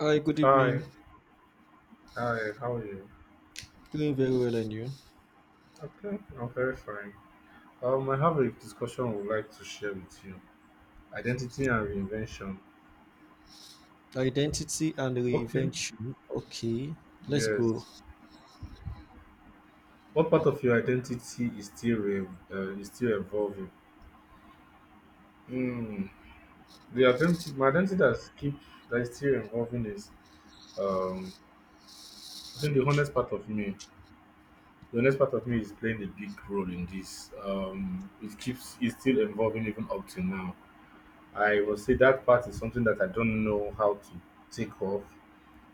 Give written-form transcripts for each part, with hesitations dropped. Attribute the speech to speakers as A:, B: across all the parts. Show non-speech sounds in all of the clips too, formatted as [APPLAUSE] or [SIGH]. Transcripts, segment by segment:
A: Hi, good evening.
B: Hi, hi, how are you?
A: Doing very well, and you?
B: Okay, I'm very fine. I have a discussion I would like to share with you. Identity and reinvention.
A: Identity and
B: Okay.
A: reinvention. Okay, let's go.
B: Yes. What part of your identity is still is still evolving? Mm. The identity, my identity that's keep that is still evolving is um I think the honest part of me. The honest part of me is playing a big role in this. It keeps it's still evolving even up to now. I will say that part is something that I don't know how to take off.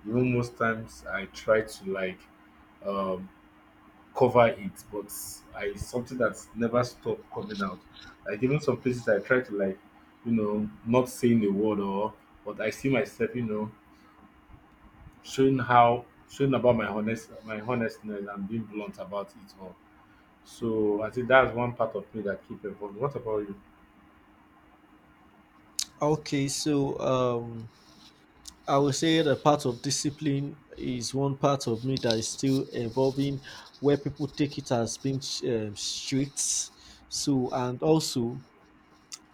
B: Even most times I try to like, um, cover it, but I it's something that's never stop coming out. Like even some places I try to like, not saying a word or but I see myself, showing how showing about my honest my honestness and being blunt about it all. So I think that's one part of me that keep evolving. What about you?
A: Okay, so I will say that part of discipline is one part of me that is still evolving, where people take it as being strict. So, and also,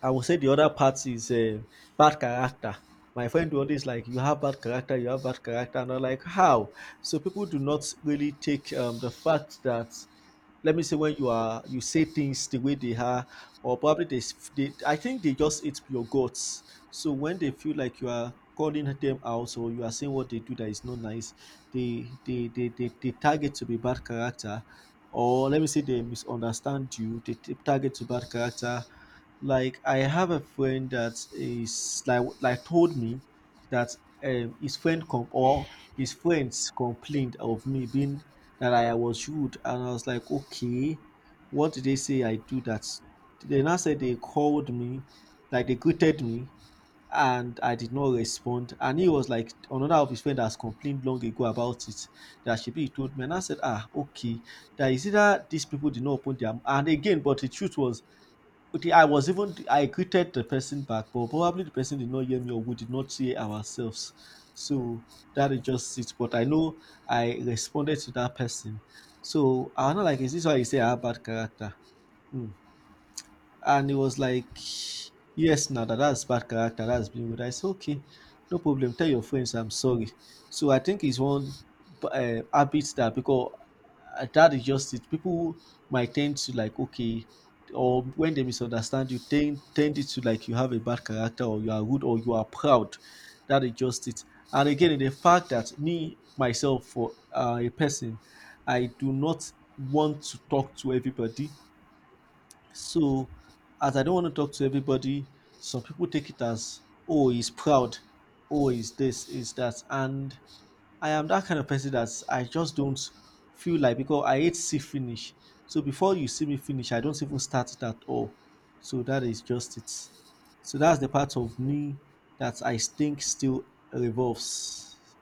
A: I will say the other part is bad character. My friend will always like, you have bad character, you have bad character, and I'm like, how? So people do not really take the fact that, let me say, when you are, you say things the way they are, or probably they, they, I think they just eat your guts. So when they feel like you are calling them out or you are saying what they do that is not nice, they target to be bad character, or let me say they misunderstand you, they target to bad character. Like, I have a friend that is like told me that, his friend com- or his friends complained of me being, that I was rude, and I was like, okay, what did they say I do that? They now said they called me, like they greeted me, and I did not respond. And he was like, another of his friend has complained long ago about it, that should be told me, and I said, ah, okay, that is either these people did not open their and again, but the truth was, okay, I was even, I greeted the person back, but probably the person did not hear me or we did not hear ourselves. So that is just it. But I know I responded to that person. So I'm not like, is this why you say I have bad character? Hmm. And he was like, yes, now that, that's bad character, that's being good. I said, okay, no problem. Tell your friends I'm sorry. So I think it's one habit that because, that is just it. People might tend to like, okay, or when they misunderstand you, tend it to like you have a bad character or you are rude or you are proud. That is just it. And again, the fact that me myself, for a person, I do not want to talk to everybody. So, as I don't want to talk to everybody, some people take it as, oh, he's proud, oh, he's this, is that. And I am that kind of person that I just don't feel like, because I hate see finish. So before you see me finish, I don't even start it at all. So that is just it. So that's the part of me that I think still revolves.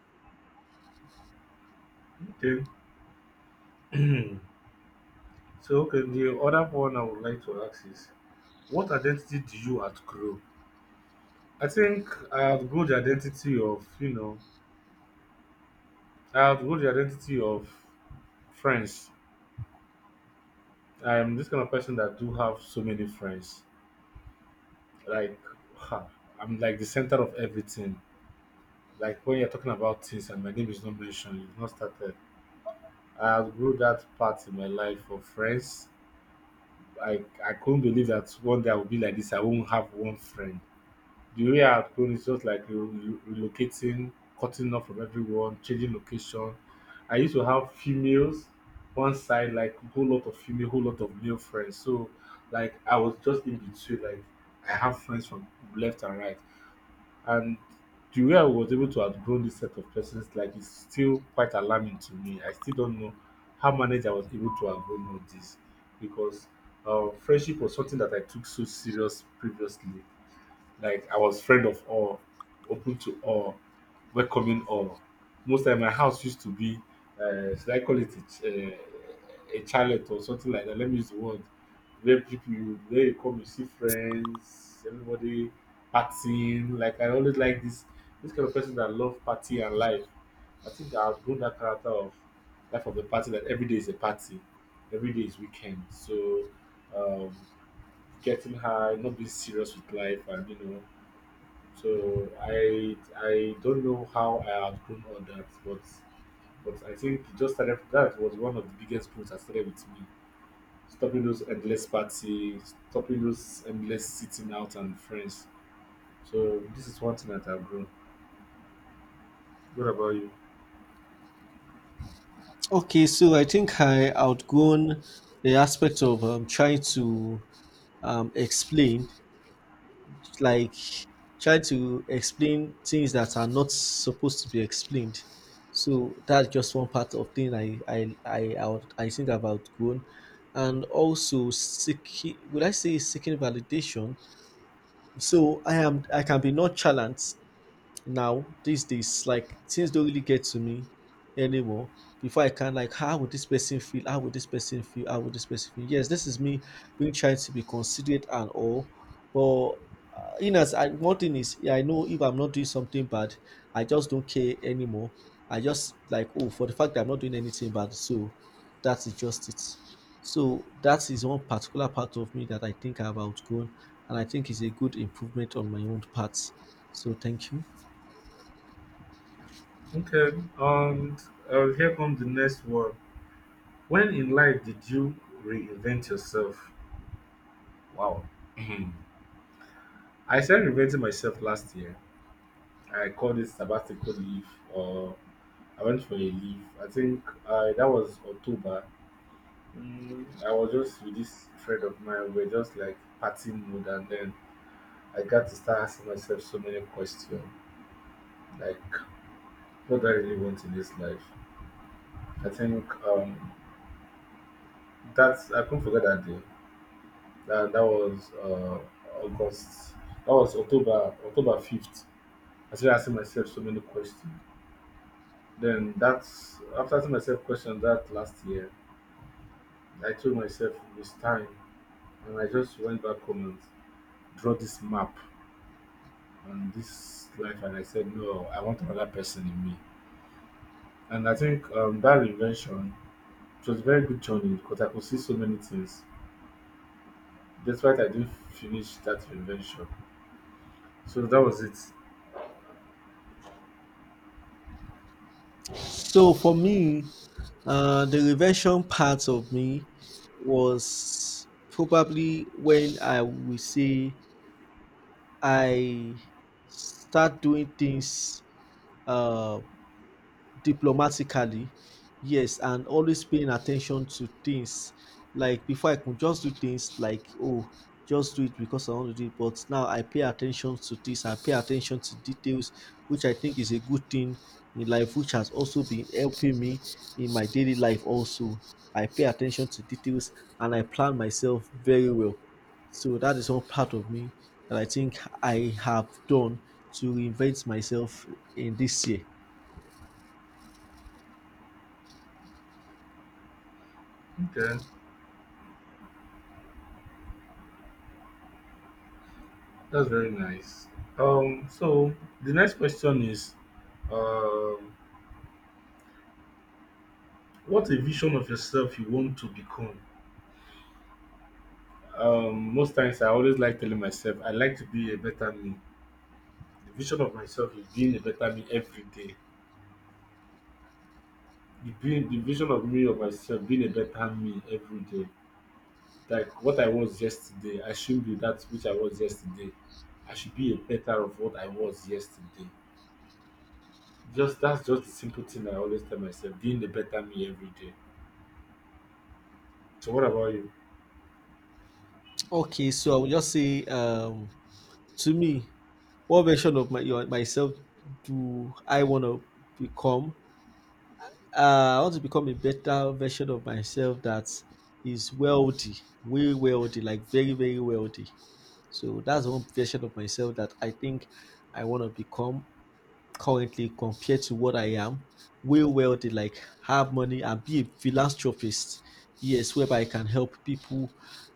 B: Okay. [CLEARS THROAT] So okay, the other one I would like to ask is: what identity do you outgrow? I think I outgrow the identity of friends. I'm this kind of person that do have so many friends. Like, ha, I'm like the center of everything. Like when you're talking about things and my name is not mentioned, you've not started. I outgrew that part in my life of friends. I couldn't believe that one day I would be like this. I won't have one friend. The way I have grown is just like re re relocating, cutting off from everyone, changing location. I used to have females one side, like whole lot of female, whole lot of male friends. So like I was just in between, like I have friends from left and right. And the way I was able to outgrow this set of persons, like it's still quite alarming to me. I still don't know how manage I was able to outgrow all this because friendship was something that I took so serious previously, like I was friend of all, open to all, welcoming all. Most time my house used to be, should I call it a, ch- a chalet or something like that? Let me use the word. Where people, where you come, you see friends, everybody partying. Like I always like this kind of person that love party and life. I think I outgrown that character of life of the party, that every day is a party, every day is weekend. So um, getting high, not being serious with life, and so I don't know how I outgrown all that, but I think it just started, that was one of the biggest growth that started with me. Stopping those endless parties, stopping those endless sitting out and friends. So this is one thing that I've grown. What about you?
A: Okay, so I think I outgrown the aspect of trying to, explain, like, try to explain things that are not supposed to be explained. So that's just one part of thing I think I've outgrown, and also seeking. Would I say seeking validation? So I am, I can be not challenged now. These days, like, things don't really get to me anymore. Before, I can like, how would this person feel, how would this person feel, how would this person feel. Yes, this is me being, trying to be considerate and all. But, in as I, one thing is, yeah, I know, if I'm not doing something bad, I just don't care anymore. I just like, oh, for the fact that I'm not doing anything bad. So that's just it. So that is one particular part of me that I think I've outgrown, and I think is a good improvement on my own parts. So thank you.
B: Okay, and here comes the next one. When in life did you reinvent yourself? Wow. [CLEARS THROAT] I started reinventing myself last year. I called it sabbatical leave, or I went for a leave. I think that was October. I was just with this friend of mine. We are just like party mood, and then I got to start asking myself so many questions, like what do I really want in this life? I think that's I couldn't forget that day. That was August. That was October 5th. I started asking myself so many questions. Then that's after asking myself questions that last year, I told myself it was time. And I just went back home and draw this map on this life, and I said, no, I want another person in me. And I think that reinvention, it was a very good journey because I could see so many things. Despite I didn't finish that reinvention, so that was it.
A: So for me, the reversion part of me was probably when I would say I start doing things, uh, diplomatically. Yes, and always paying attention to things. Like before, I could just do things like, oh, just do it because I want to do it. But now I pay attention to this. I pay attention to details, which I think is a good thing in life, which has also been helping me in my daily life. Also, I pay attention to details and I plan myself very well. So that is one part of me that I think I have done to reinvent myself in this year.
B: Okay, that's very nice. So the next question is, um, what a vision of yourself you want to become. Most times I always like telling myself I like to be a better me. The vision of myself is being a better me every day. The vision of me of myself being a better me every day. Like what I was yesterday, I shouldn't be that which I was yesterday. I should be a better of what I was yesterday. Just that's just the simple thing I always tell myself, being a better me every day. So what about you?
A: Okay, so I would just say, to me, what version of myself do I want to become? I want to become a better version of myself that is wealthy, way wealthy, like very, very wealthy. So that's one version of myself that I think I want to become currently compared to what I am, way well did, like, have money and be a philanthropist. Yes, whereby I can help people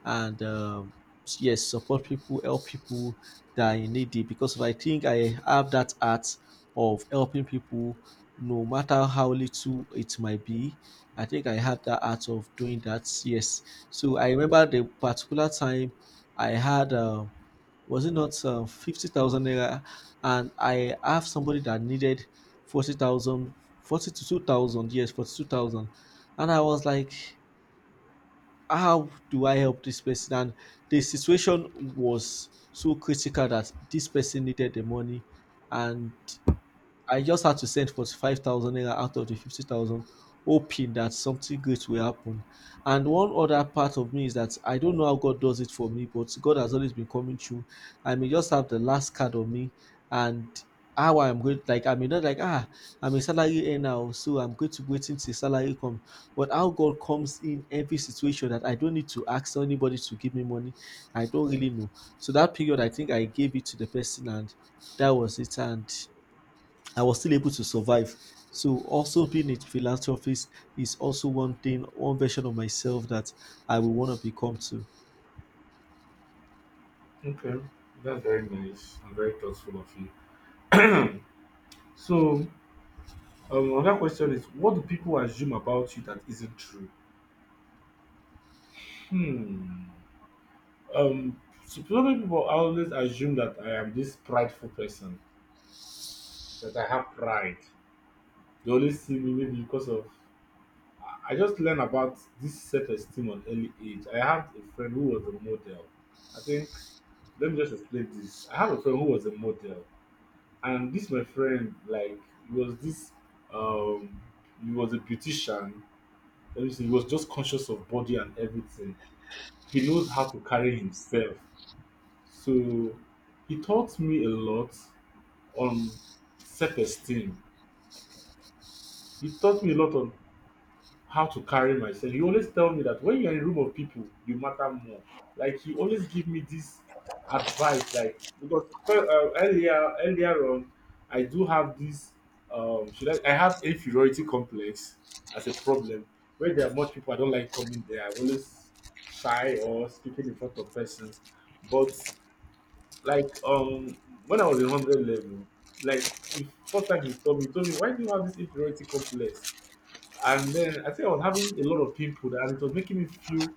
A: and, yes, support people, help people that are in need it, because I think I have that art of helping people no matter how little it might be. I think I have that art of doing that. Yes. So I remember the particular time I had, was it not, 50,000 naira? And I have somebody that needed 40,000, 42,000, yes, 42,000. And I was like, how do I help this person? And the situation was so critical that this person needed the money, and I just had to send 45,000 naira out of the 50,000, hoping that something great will happen. And one other part of me is that I don't know how God does it for me, but God has always been coming through. I may just have the last card on me, and how I'm going, like, I may not like, ah, I'm a salary earner, oh, so I'm going to wait until salary come. But how God comes in every situation that I don't need to ask anybody to give me money, I don't really know. So that period, I think I gave it to the person and that was it. And I was still able to survive. So also being a philanthropist is also one thing, one version of myself that I will want to become too.
B: Okay, that's very nice and very thoughtful of you. So another question is, what do people assume about you that isn't true? Hmm. Um, so many people always assume that I am this prideful person, that I have pride. They always see me maybe because of. I just learned about this self-esteem on early age. I have a friend who was a model. I think let me just explain this. I have a friend who was a model, and this my friend like he was this um he was a beautician. Let me see, he was just conscious of body and everything. He knows how to carry himself. So he taught me a lot on self-esteem. He taught me a lot on how to carry myself. He always tell me that when you're in a room of people, you matter more. Like he always give me this advice, like because earlier on, I do have this should I have inferiority complex as a problem. Where there are much people, I don't like coming there. I'm always shy or speaking in front of persons. But like, when I was in 100 level, like if first time he told me, why do you have this inferiority complex? And then I think I was having a lot of people and it was making me feel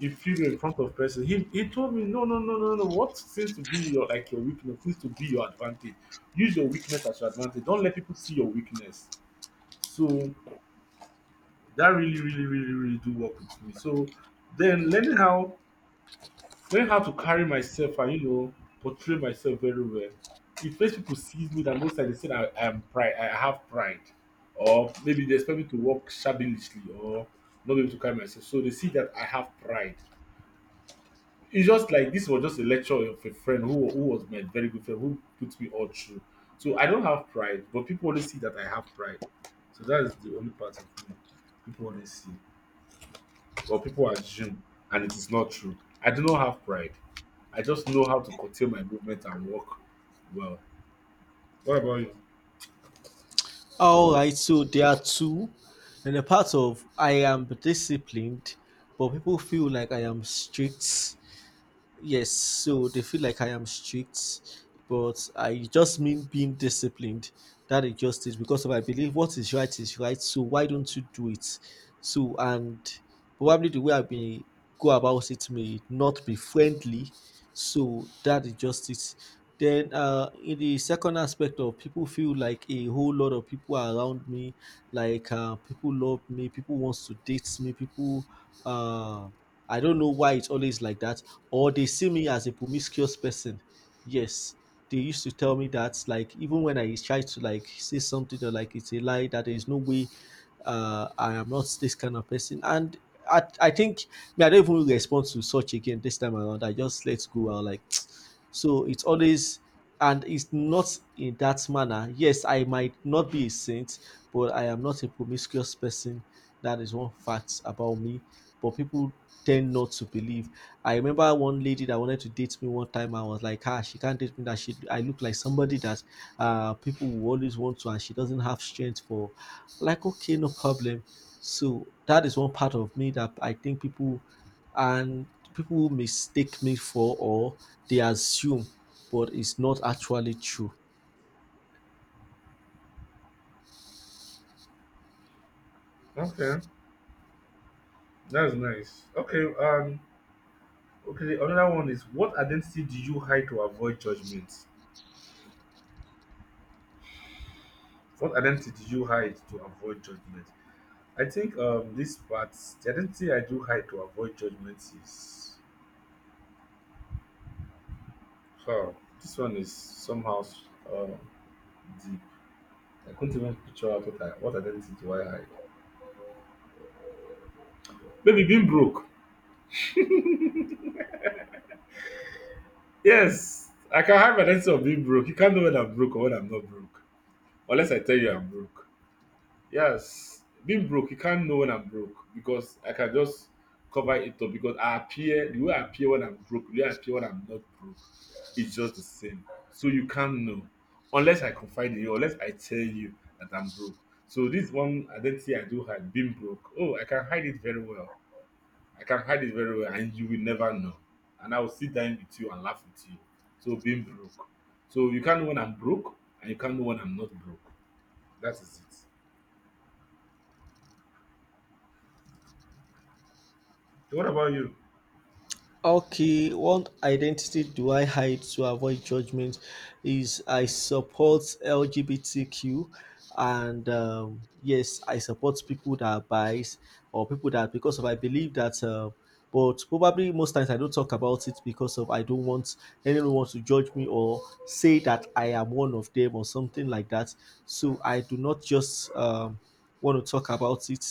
B: inferior in front of person. He told me, no, no, no, no, no. What seems to be your weakness seems to be your advantage. Use your weakness as your advantage. Don't let people see your weakness. So that really, really, really, really do work with me. So then learning how to carry myself, and portray myself very well, it makes people sees me that most times they say that I am pride, I have pride, or maybe they expect me to walk shabbily or not be able to carry myself, so they see that I have pride. It's just like this was just a lecture of a friend who was my very good friend, who put me all through. So I don't have pride, but people only see that I have pride. So that is the only part of me people only see, but people assume, and it is not true. I do not have pride. I just know how to curtail my movement and walk well. What about you?
A: All right, so there are two. And a part of, I am disciplined, but people feel like I am strict. Yes, so they feel like I am strict, but I just mean being disciplined. That is just it, because of, I believe what is right is right, so why don't you do it? So, and probably the way I may go about it may not be friendly. So that is just it. Then, in the second aspect of, people feel like a whole lot of people are around me, like, people love me, people wants to date me, people, uh I don't know why it's always like that. Or they see me as a promiscuous person. Yes. They used to tell me that, like, even when I try to like say something, or like it's a lie, that there is no way, I am not this kind of person. And I think, me, I don't even respond to such again this time around. I just let go. I like [TSK] so it's always, and it's not in that manner. Yes, I might not be a saint, but I am not a promiscuous person. That is one fact about me, but people tend not to believe. I remember one lady that wanted to date me one time. I was like, ah, she can't date me. That she, I look like somebody that, people will always want to, and she doesn't have strength for. Like, okay, no problem. So that is one part of me that I think people, and people mistake me for, or they assume, but it's not actually true.
B: Okay, that's nice. Okay, okay. Another one is, what identity do you hide to avoid judgment? What identity do you hide to avoid judgment? I think this part, the identity I do hide to avoid judgment is, oh, this one is somehow um deep. I couldn't even picture out what identity do I hide. Maybe being broke. Yes, I can hide my sense of being broke. You can't know when I'm broke or when I'm not broke. Unless I tell you I'm broke. Yes, being broke, you can't know when I'm broke because I can just cover it up because I appear, the way I appear when I'm broke, the way I appear when I'm not broke, it's just the same. So you can't know unless I confide in you, unless I tell you that I'm broke. So this one identity I do hide, being broke. Oh, I can hide it very well. I can hide it very well and you will never know. And I will sit down with you and laugh with you. So being broke. So you can't know when I'm broke and you can't know when I'm not broke. That is it. So what about you?
A: Okay, one identity do I hide to avoid judgment is, I support LGBTQ, and, yes, I support people that are biased, or people that, because of I believe that, but probably most times I don't talk about it because of I don't want anyone wants to judge me or say that I am one of them or something like that. So I do not just, want to talk about it.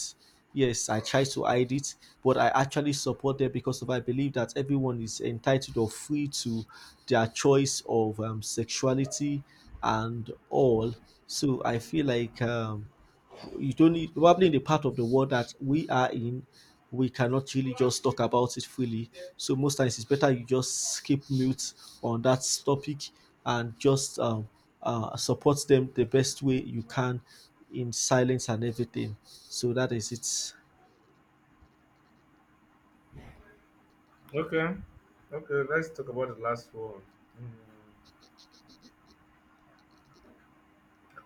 A: Yes, I tried to hide it, but I actually support them because of I believe that everyone is entitled or free to their choice of, sexuality and all. So I feel like, you don't need, probably in the part of the world that we are in, we cannot really just talk about it freely. So most times it's better you just keep mute on that topic, and just, support them the best way you can, in silence and everything. So that is it.
B: Okay. Okay, let's talk about the last one. Hmm.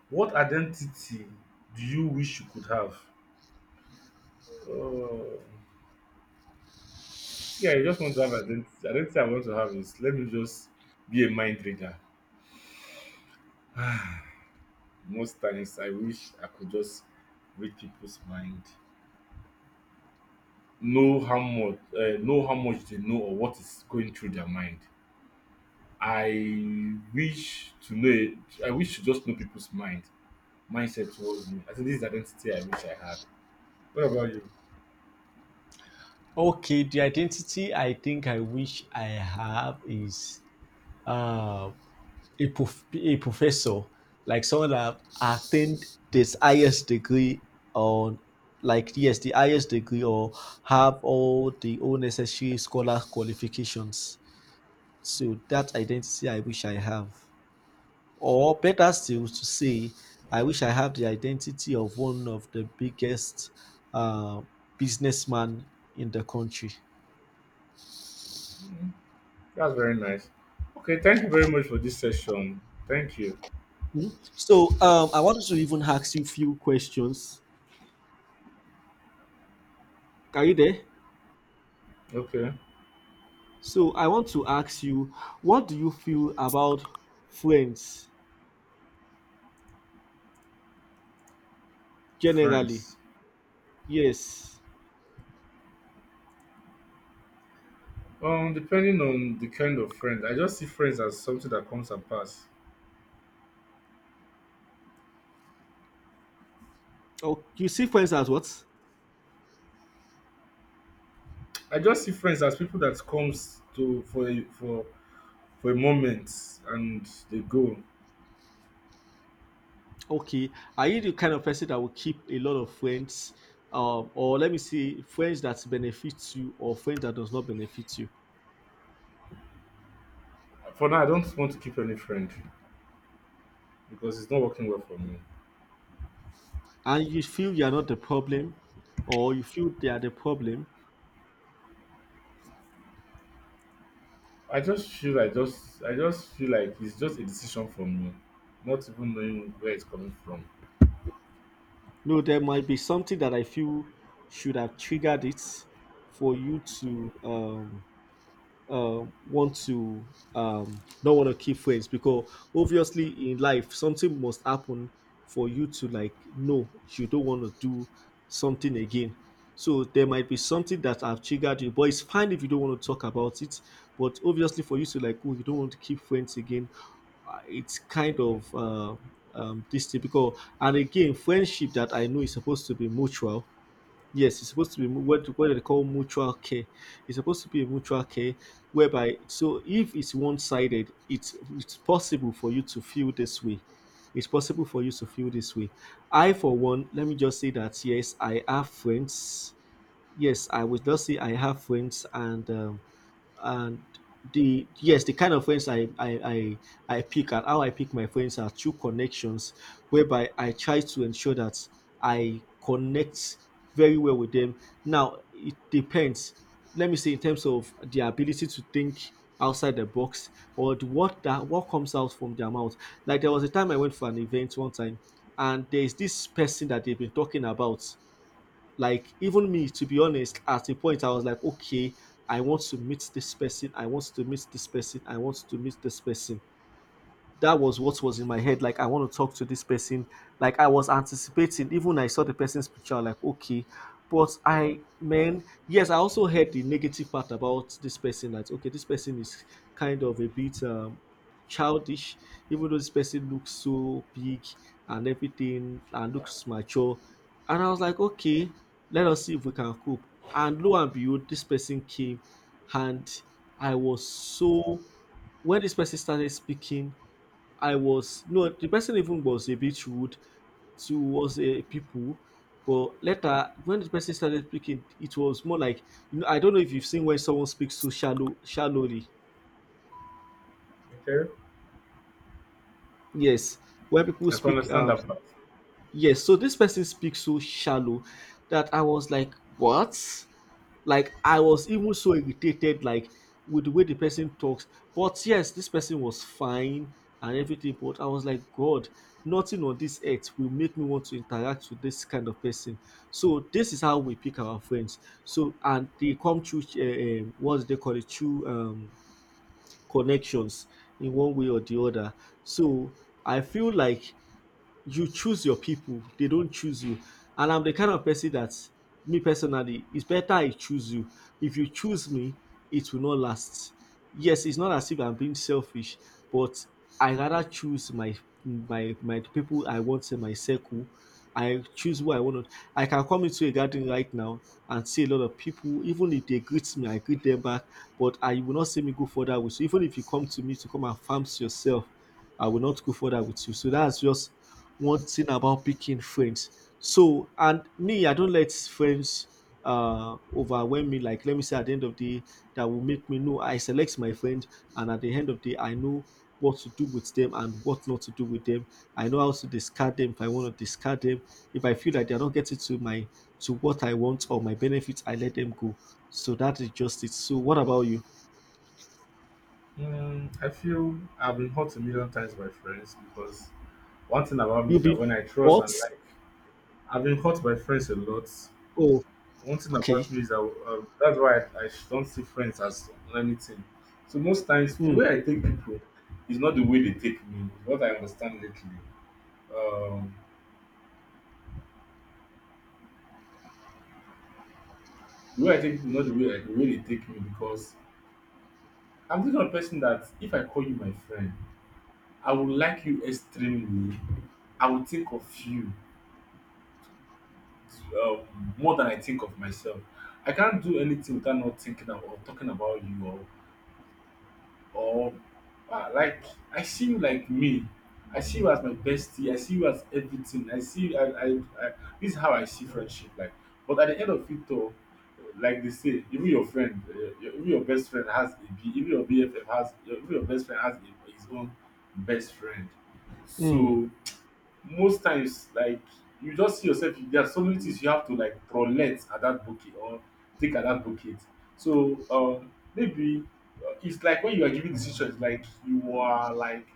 B: What identity do you wish you could have? Oh, see, I just want to have identity. Identity I want to have is, let me just be a mind reader. [SIGHS] Most times I wish I could just read people's mind. Know how much they know or what is going through their mind. I wish to know it. I wish to just know people's mindset towards me. I think this is the identity I wish I had. What about you?
A: Okay, the identity I think I wish I have is, uh, a professor, like someone that attained this highest degree on, like, yes, the highest degree, or have all the all necessary scholar qualifications. So that identity I wish I have. Or better still to say, I wish I have the identity of one of the biggest uh, businessman in the country.
B: That's very nice. Okay, thank you very much for this session. Thank you.
A: So I wanted to even ask you a few questions. Are you there?
B: Okay,
A: So I want to ask you, what do you feel about friends generally?
B: friends.
A: Yes.
B: Depending on the kind of friend, I just see friends as something that comes and pass.
A: Oh, you see friends as what?
B: I just see friends as people that comes to for for a moment and they go.
A: Okay. Are you the kind of person that will keep a lot of friends? Or let me see, friends that benefits you or friends that does not benefit you?
B: For now, I don't want to keep any friend because it's not working well for me.
A: And you feel you are not the problem, or you feel they are the problem?
B: I just feel like it's just a decision from me, not even knowing where it's coming from.
A: No, there might be something that I feel should have triggered it for you to want to, don't want to keep friends, because obviously in life something must happen for you to like know you don't want to do something again. So there might be something that have triggered you, but it's fine if you don't want to talk about it. But obviously for you to like, oh, you don't want to keep friends again, it's kind of this typical and again friendship that I know is supposed to be mutual. Yes, it's supposed to be what they call mutual care. It's supposed to be a mutual care, whereby so if it's one sided, it's possible for you to feel this way. It's possible for you to feel this way. I for one, let me just say that yes, I have friends. Yes, I would just say I have friends, and and the yes the kind of friends I pick, and how I pick my friends are through connections, whereby I try to ensure that I connect very well with them. Now it depends, let me say, in terms of their ability to think outside the box, or the, what that what comes out from their mouth. Like there was a time I went for an event one time, and there's this person that they've been talking about. Like even me, to be honest, at a point I was like, okay, I want to meet this person, I want to meet this person, I want to meet this person. That was what was in my head. Like, I want to talk to this person. Like, I was anticipating, even when I saw the person's picture, I'm like, okay. But I, man, yes, I also heard the negative part about this person, that okay, this person is kind of a bit childish, even though this person looks so big and everything and looks mature. And I was like, okay, let us see if we can cope. And lo and behold, this person came, and I was so, when this person started speaking, I was, no the person even was a bit rude towards people, but later when the person started speaking, it was more like, you know I don't know if you've seen when someone speaks so shallowly.
B: Okay,
A: Yes, when people
B: I can
A: speak
B: understand that part.
A: yes, so this person speaks so shallow that I was like, what? Like I was even so irritated, like with the way the person talks. But yes, this person was fine and everything. But I was like, God, nothing on this earth will make me want to interact with this kind of person. So this is how we pick our friends. So and they come through, what do they call it? Through connections in one way or the other. So I feel like you choose your people, they don't choose you. And I'm the kind of person that, me personally, it's better I choose you. If you choose me, it will not last. Yes, it's not as if I'm being selfish, but I rather choose my the people I want in my circle. I choose who I want to. I can come into a garden right now and see a lot of people. Even if they greet me, I greet them back, but I will not see me go further with you. Even if you come to me to come and farm yourself, I will not go further with you. So that's just one thing about picking friends. So, and me, I don't let friends overwhelm me. Like, let me say at the end of the day, that will make me know I select my friend, and at the end of the day, I know what to do with them and what not to do with them. I know how to discard them if I want to discard them. If I feel like they're not getting to my to what I want or my benefits, I let them go. So that is just it. So what about you?
B: Mm, I feel I've been hurt a million times by friends because one thing about me
A: You
B: is that
A: been
B: when I trust
A: what?
B: and like, I've been hurt by friends a lot.
A: Oh,
B: One thing
A: okay.
B: about me is that that's why I don't see friends as anything. So most times the
A: Mm,
B: way I take people is not the way they take me. It's what I understand lately. Um, the way I take not the way I, the way they take me because I'm the kind of person that if I call you my friend, I would like you extremely. I will think of you uh, more than I think of myself. I can't do anything without not thinking about or talking about you or like I see you like me. I see you as my bestie. I see you as everything. I see I this is how I see friendship like. But at the end of it all, like they say, even your friend, your, even your best friend has a B. Even your BFF has. Your, even your best friend has a, his own best friend.
A: mm,
B: So most times like you just see yourself, there are so many things you have to like prolect at that bucket or take at that bucket. So maybe it's like when you are giving decisions, like you are like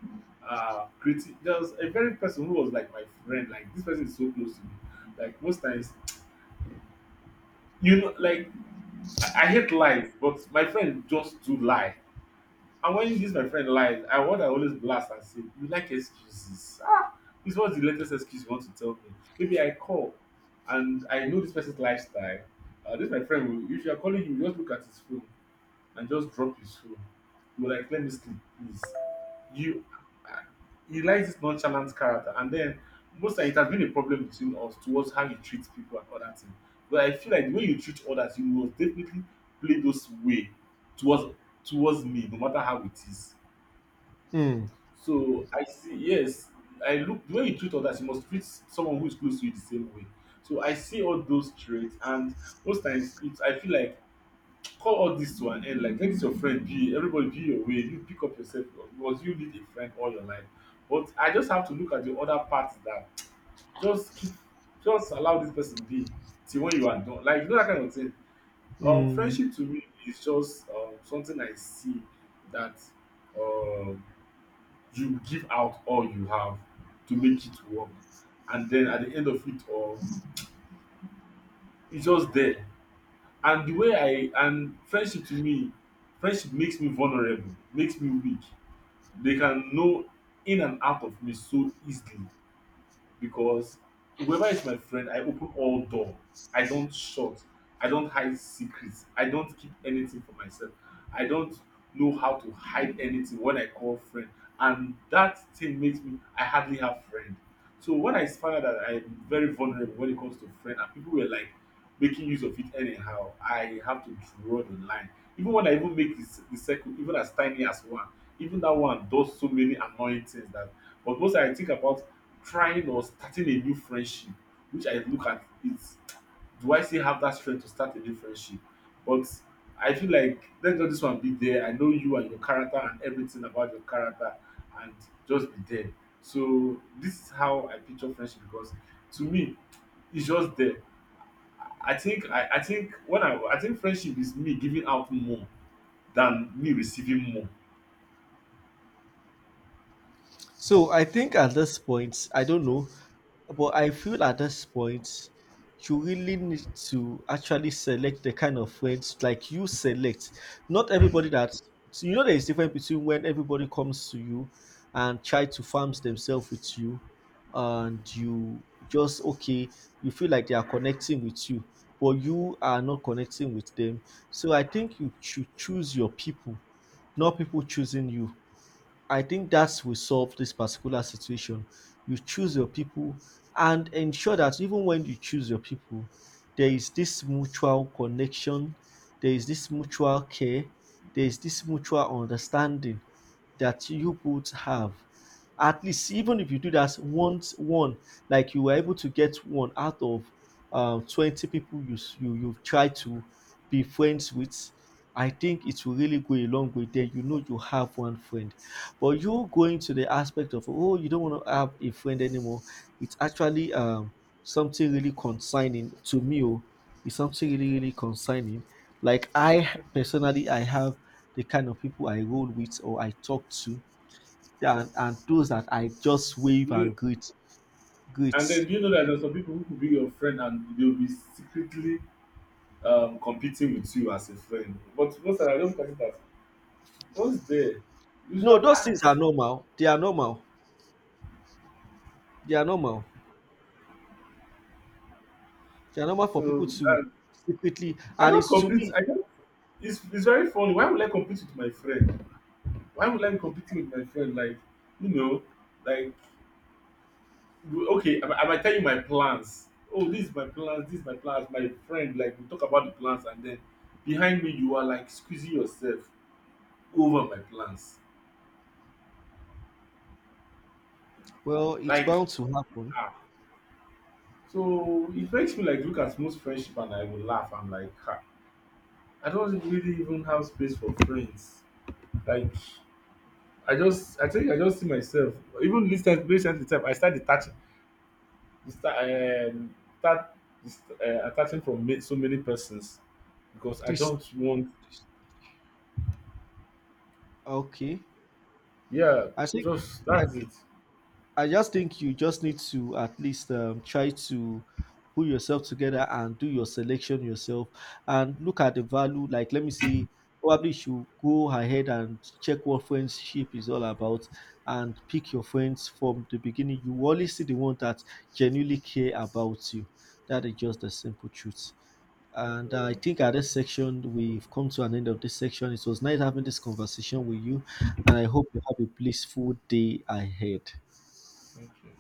B: creating, there's a very person who was like my friend, like this person is so close to me. Like most times, you know, like I hate lies, but my friend just do lie. And when this my friend lies, I what I always blast and say, you like excuses. Ah, this was the latest excuse you want to tell me. Maybe I call and I know this person's lifestyle. This my friend, will- if you are calling him, just look at his phone and just drop his phone. You were like, let me sleep, please. You he likes this nonchalant character, and then most times it has been a problem between us towards how you treat people and other things. But I feel like the way you treat others, you will definitely play those way towards towards me, no matter how it is.
A: mm,
B: So I see, yes, I look the way you treat others, you must treat someone who is close to you the same way. So I see all those traits, and most times it's, I feel like call all this to an end. Like, let this your friend be everybody be your way. You pick up yourself because you need a friend all your life. But I just have to look at the other part that [TSK] just keep, just allow this person be till when you are done. Like, you know, that kind of thing.
A: mm.
B: Friendship to me is just something I see that um, you give out all you have to make it work. And then at the end of it all, it's just there. And the way I and friendship to me, friendship makes me vulnerable, makes me weak. They can know in and out of me so easily because whoever is my friend, I open all door. I don't shut. I don't hide secrets. I don't keep anything for myself. I don't know how to hide anything when I call friend. And that thing makes me I hardly have friend. So when I found out that I'm very vulnerable when it comes to friend and people were like making use of it anyhow, I have to draw the line. Even when I even make this the circle, even as tiny as one, even that one does so many annoying things that, but most I think about trying or starting a new friendship, which I look at it, do I still have that strength to start a new friendship? But I feel like let just this one be there, I know you and your character and everything about your character, and just be there. So this is how I picture friendship because to me it's just there. I think I think when I think friendship is me giving out more than me receiving more.
A: So I think at this point, I don't know, but I feel at this point, you really need to actually select the kind of friends, like you select. Not everybody that, so you know there is difference between when everybody comes to you and try to farms themselves with you, and you just okay, you feel like they are connecting with you, but you are not connecting with them. So I think you should choose your people, not people choosing you. I think that will solve this particular situation. You choose your people and ensure that even when you choose your people, there is this mutual connection, there is this mutual care, there is this mutual understanding that you both have. At least, even if you do that once, one, like you were able to get one out of 20 people you try to be friends with, I think it will really go a long way. Then you know you have one friend. But you going to the aspect of, oh, you don't want to have a friend anymore, it's actually something really concerning to me. Oh, it's something really really concerning. Like I personally, I have the kind of people I roll with or I talk to, and, those that I just wave and
B: You
A: greet
B: and
A: greets.
B: then do you know that there's some people who could be your friend and they'll be secretly competing with you as a friend? But most times I don't consider at what's there. You should
A: No,
B: have
A: those things are
B: asked.
A: normal. They are normal. They are normal. They are normal for
B: So
A: people to
B: and
A: secretly,
B: I
A: and
B: don't
A: it's to
B: compete.
A: me.
B: I don't. It's very funny. Why would I compete with my friend? Why would I be competing with my friend? Like, you know, like okay, I might tell you my plans. Oh, this is my plans. This is my plans. My friend, like we talk about the plans, and then behind me you are like squeezing yourself over my plans.
A: Well, it's
B: Like
A: bound to happen.
B: ah, so it makes me like look at most friendship and I will laugh. I'm like, ha, I don't really even have space for friends. Like I just, I think I just see myself. Even this time, recently, time I start detaching, start, start attaching from so many persons because I
A: This,
B: don't want.
A: okay.
B: Yeah,
A: I think
B: just
A: I,
B: that's it.
A: I just think you just need to at least try to put yourself together and do your selection yourself and look at the value. Like, let me see, probably you should go ahead and check what friendship is all about and pick your friends from the beginning. You only see the one that genuinely care about you. That is just the simple truth.
B: Thank you
A: And
B: very
A: I
B: much.
A: think at this section, we've come to an end of this section. It was nice having this conversation with you, and I hope you have a blissful day ahead.
B: Thank you.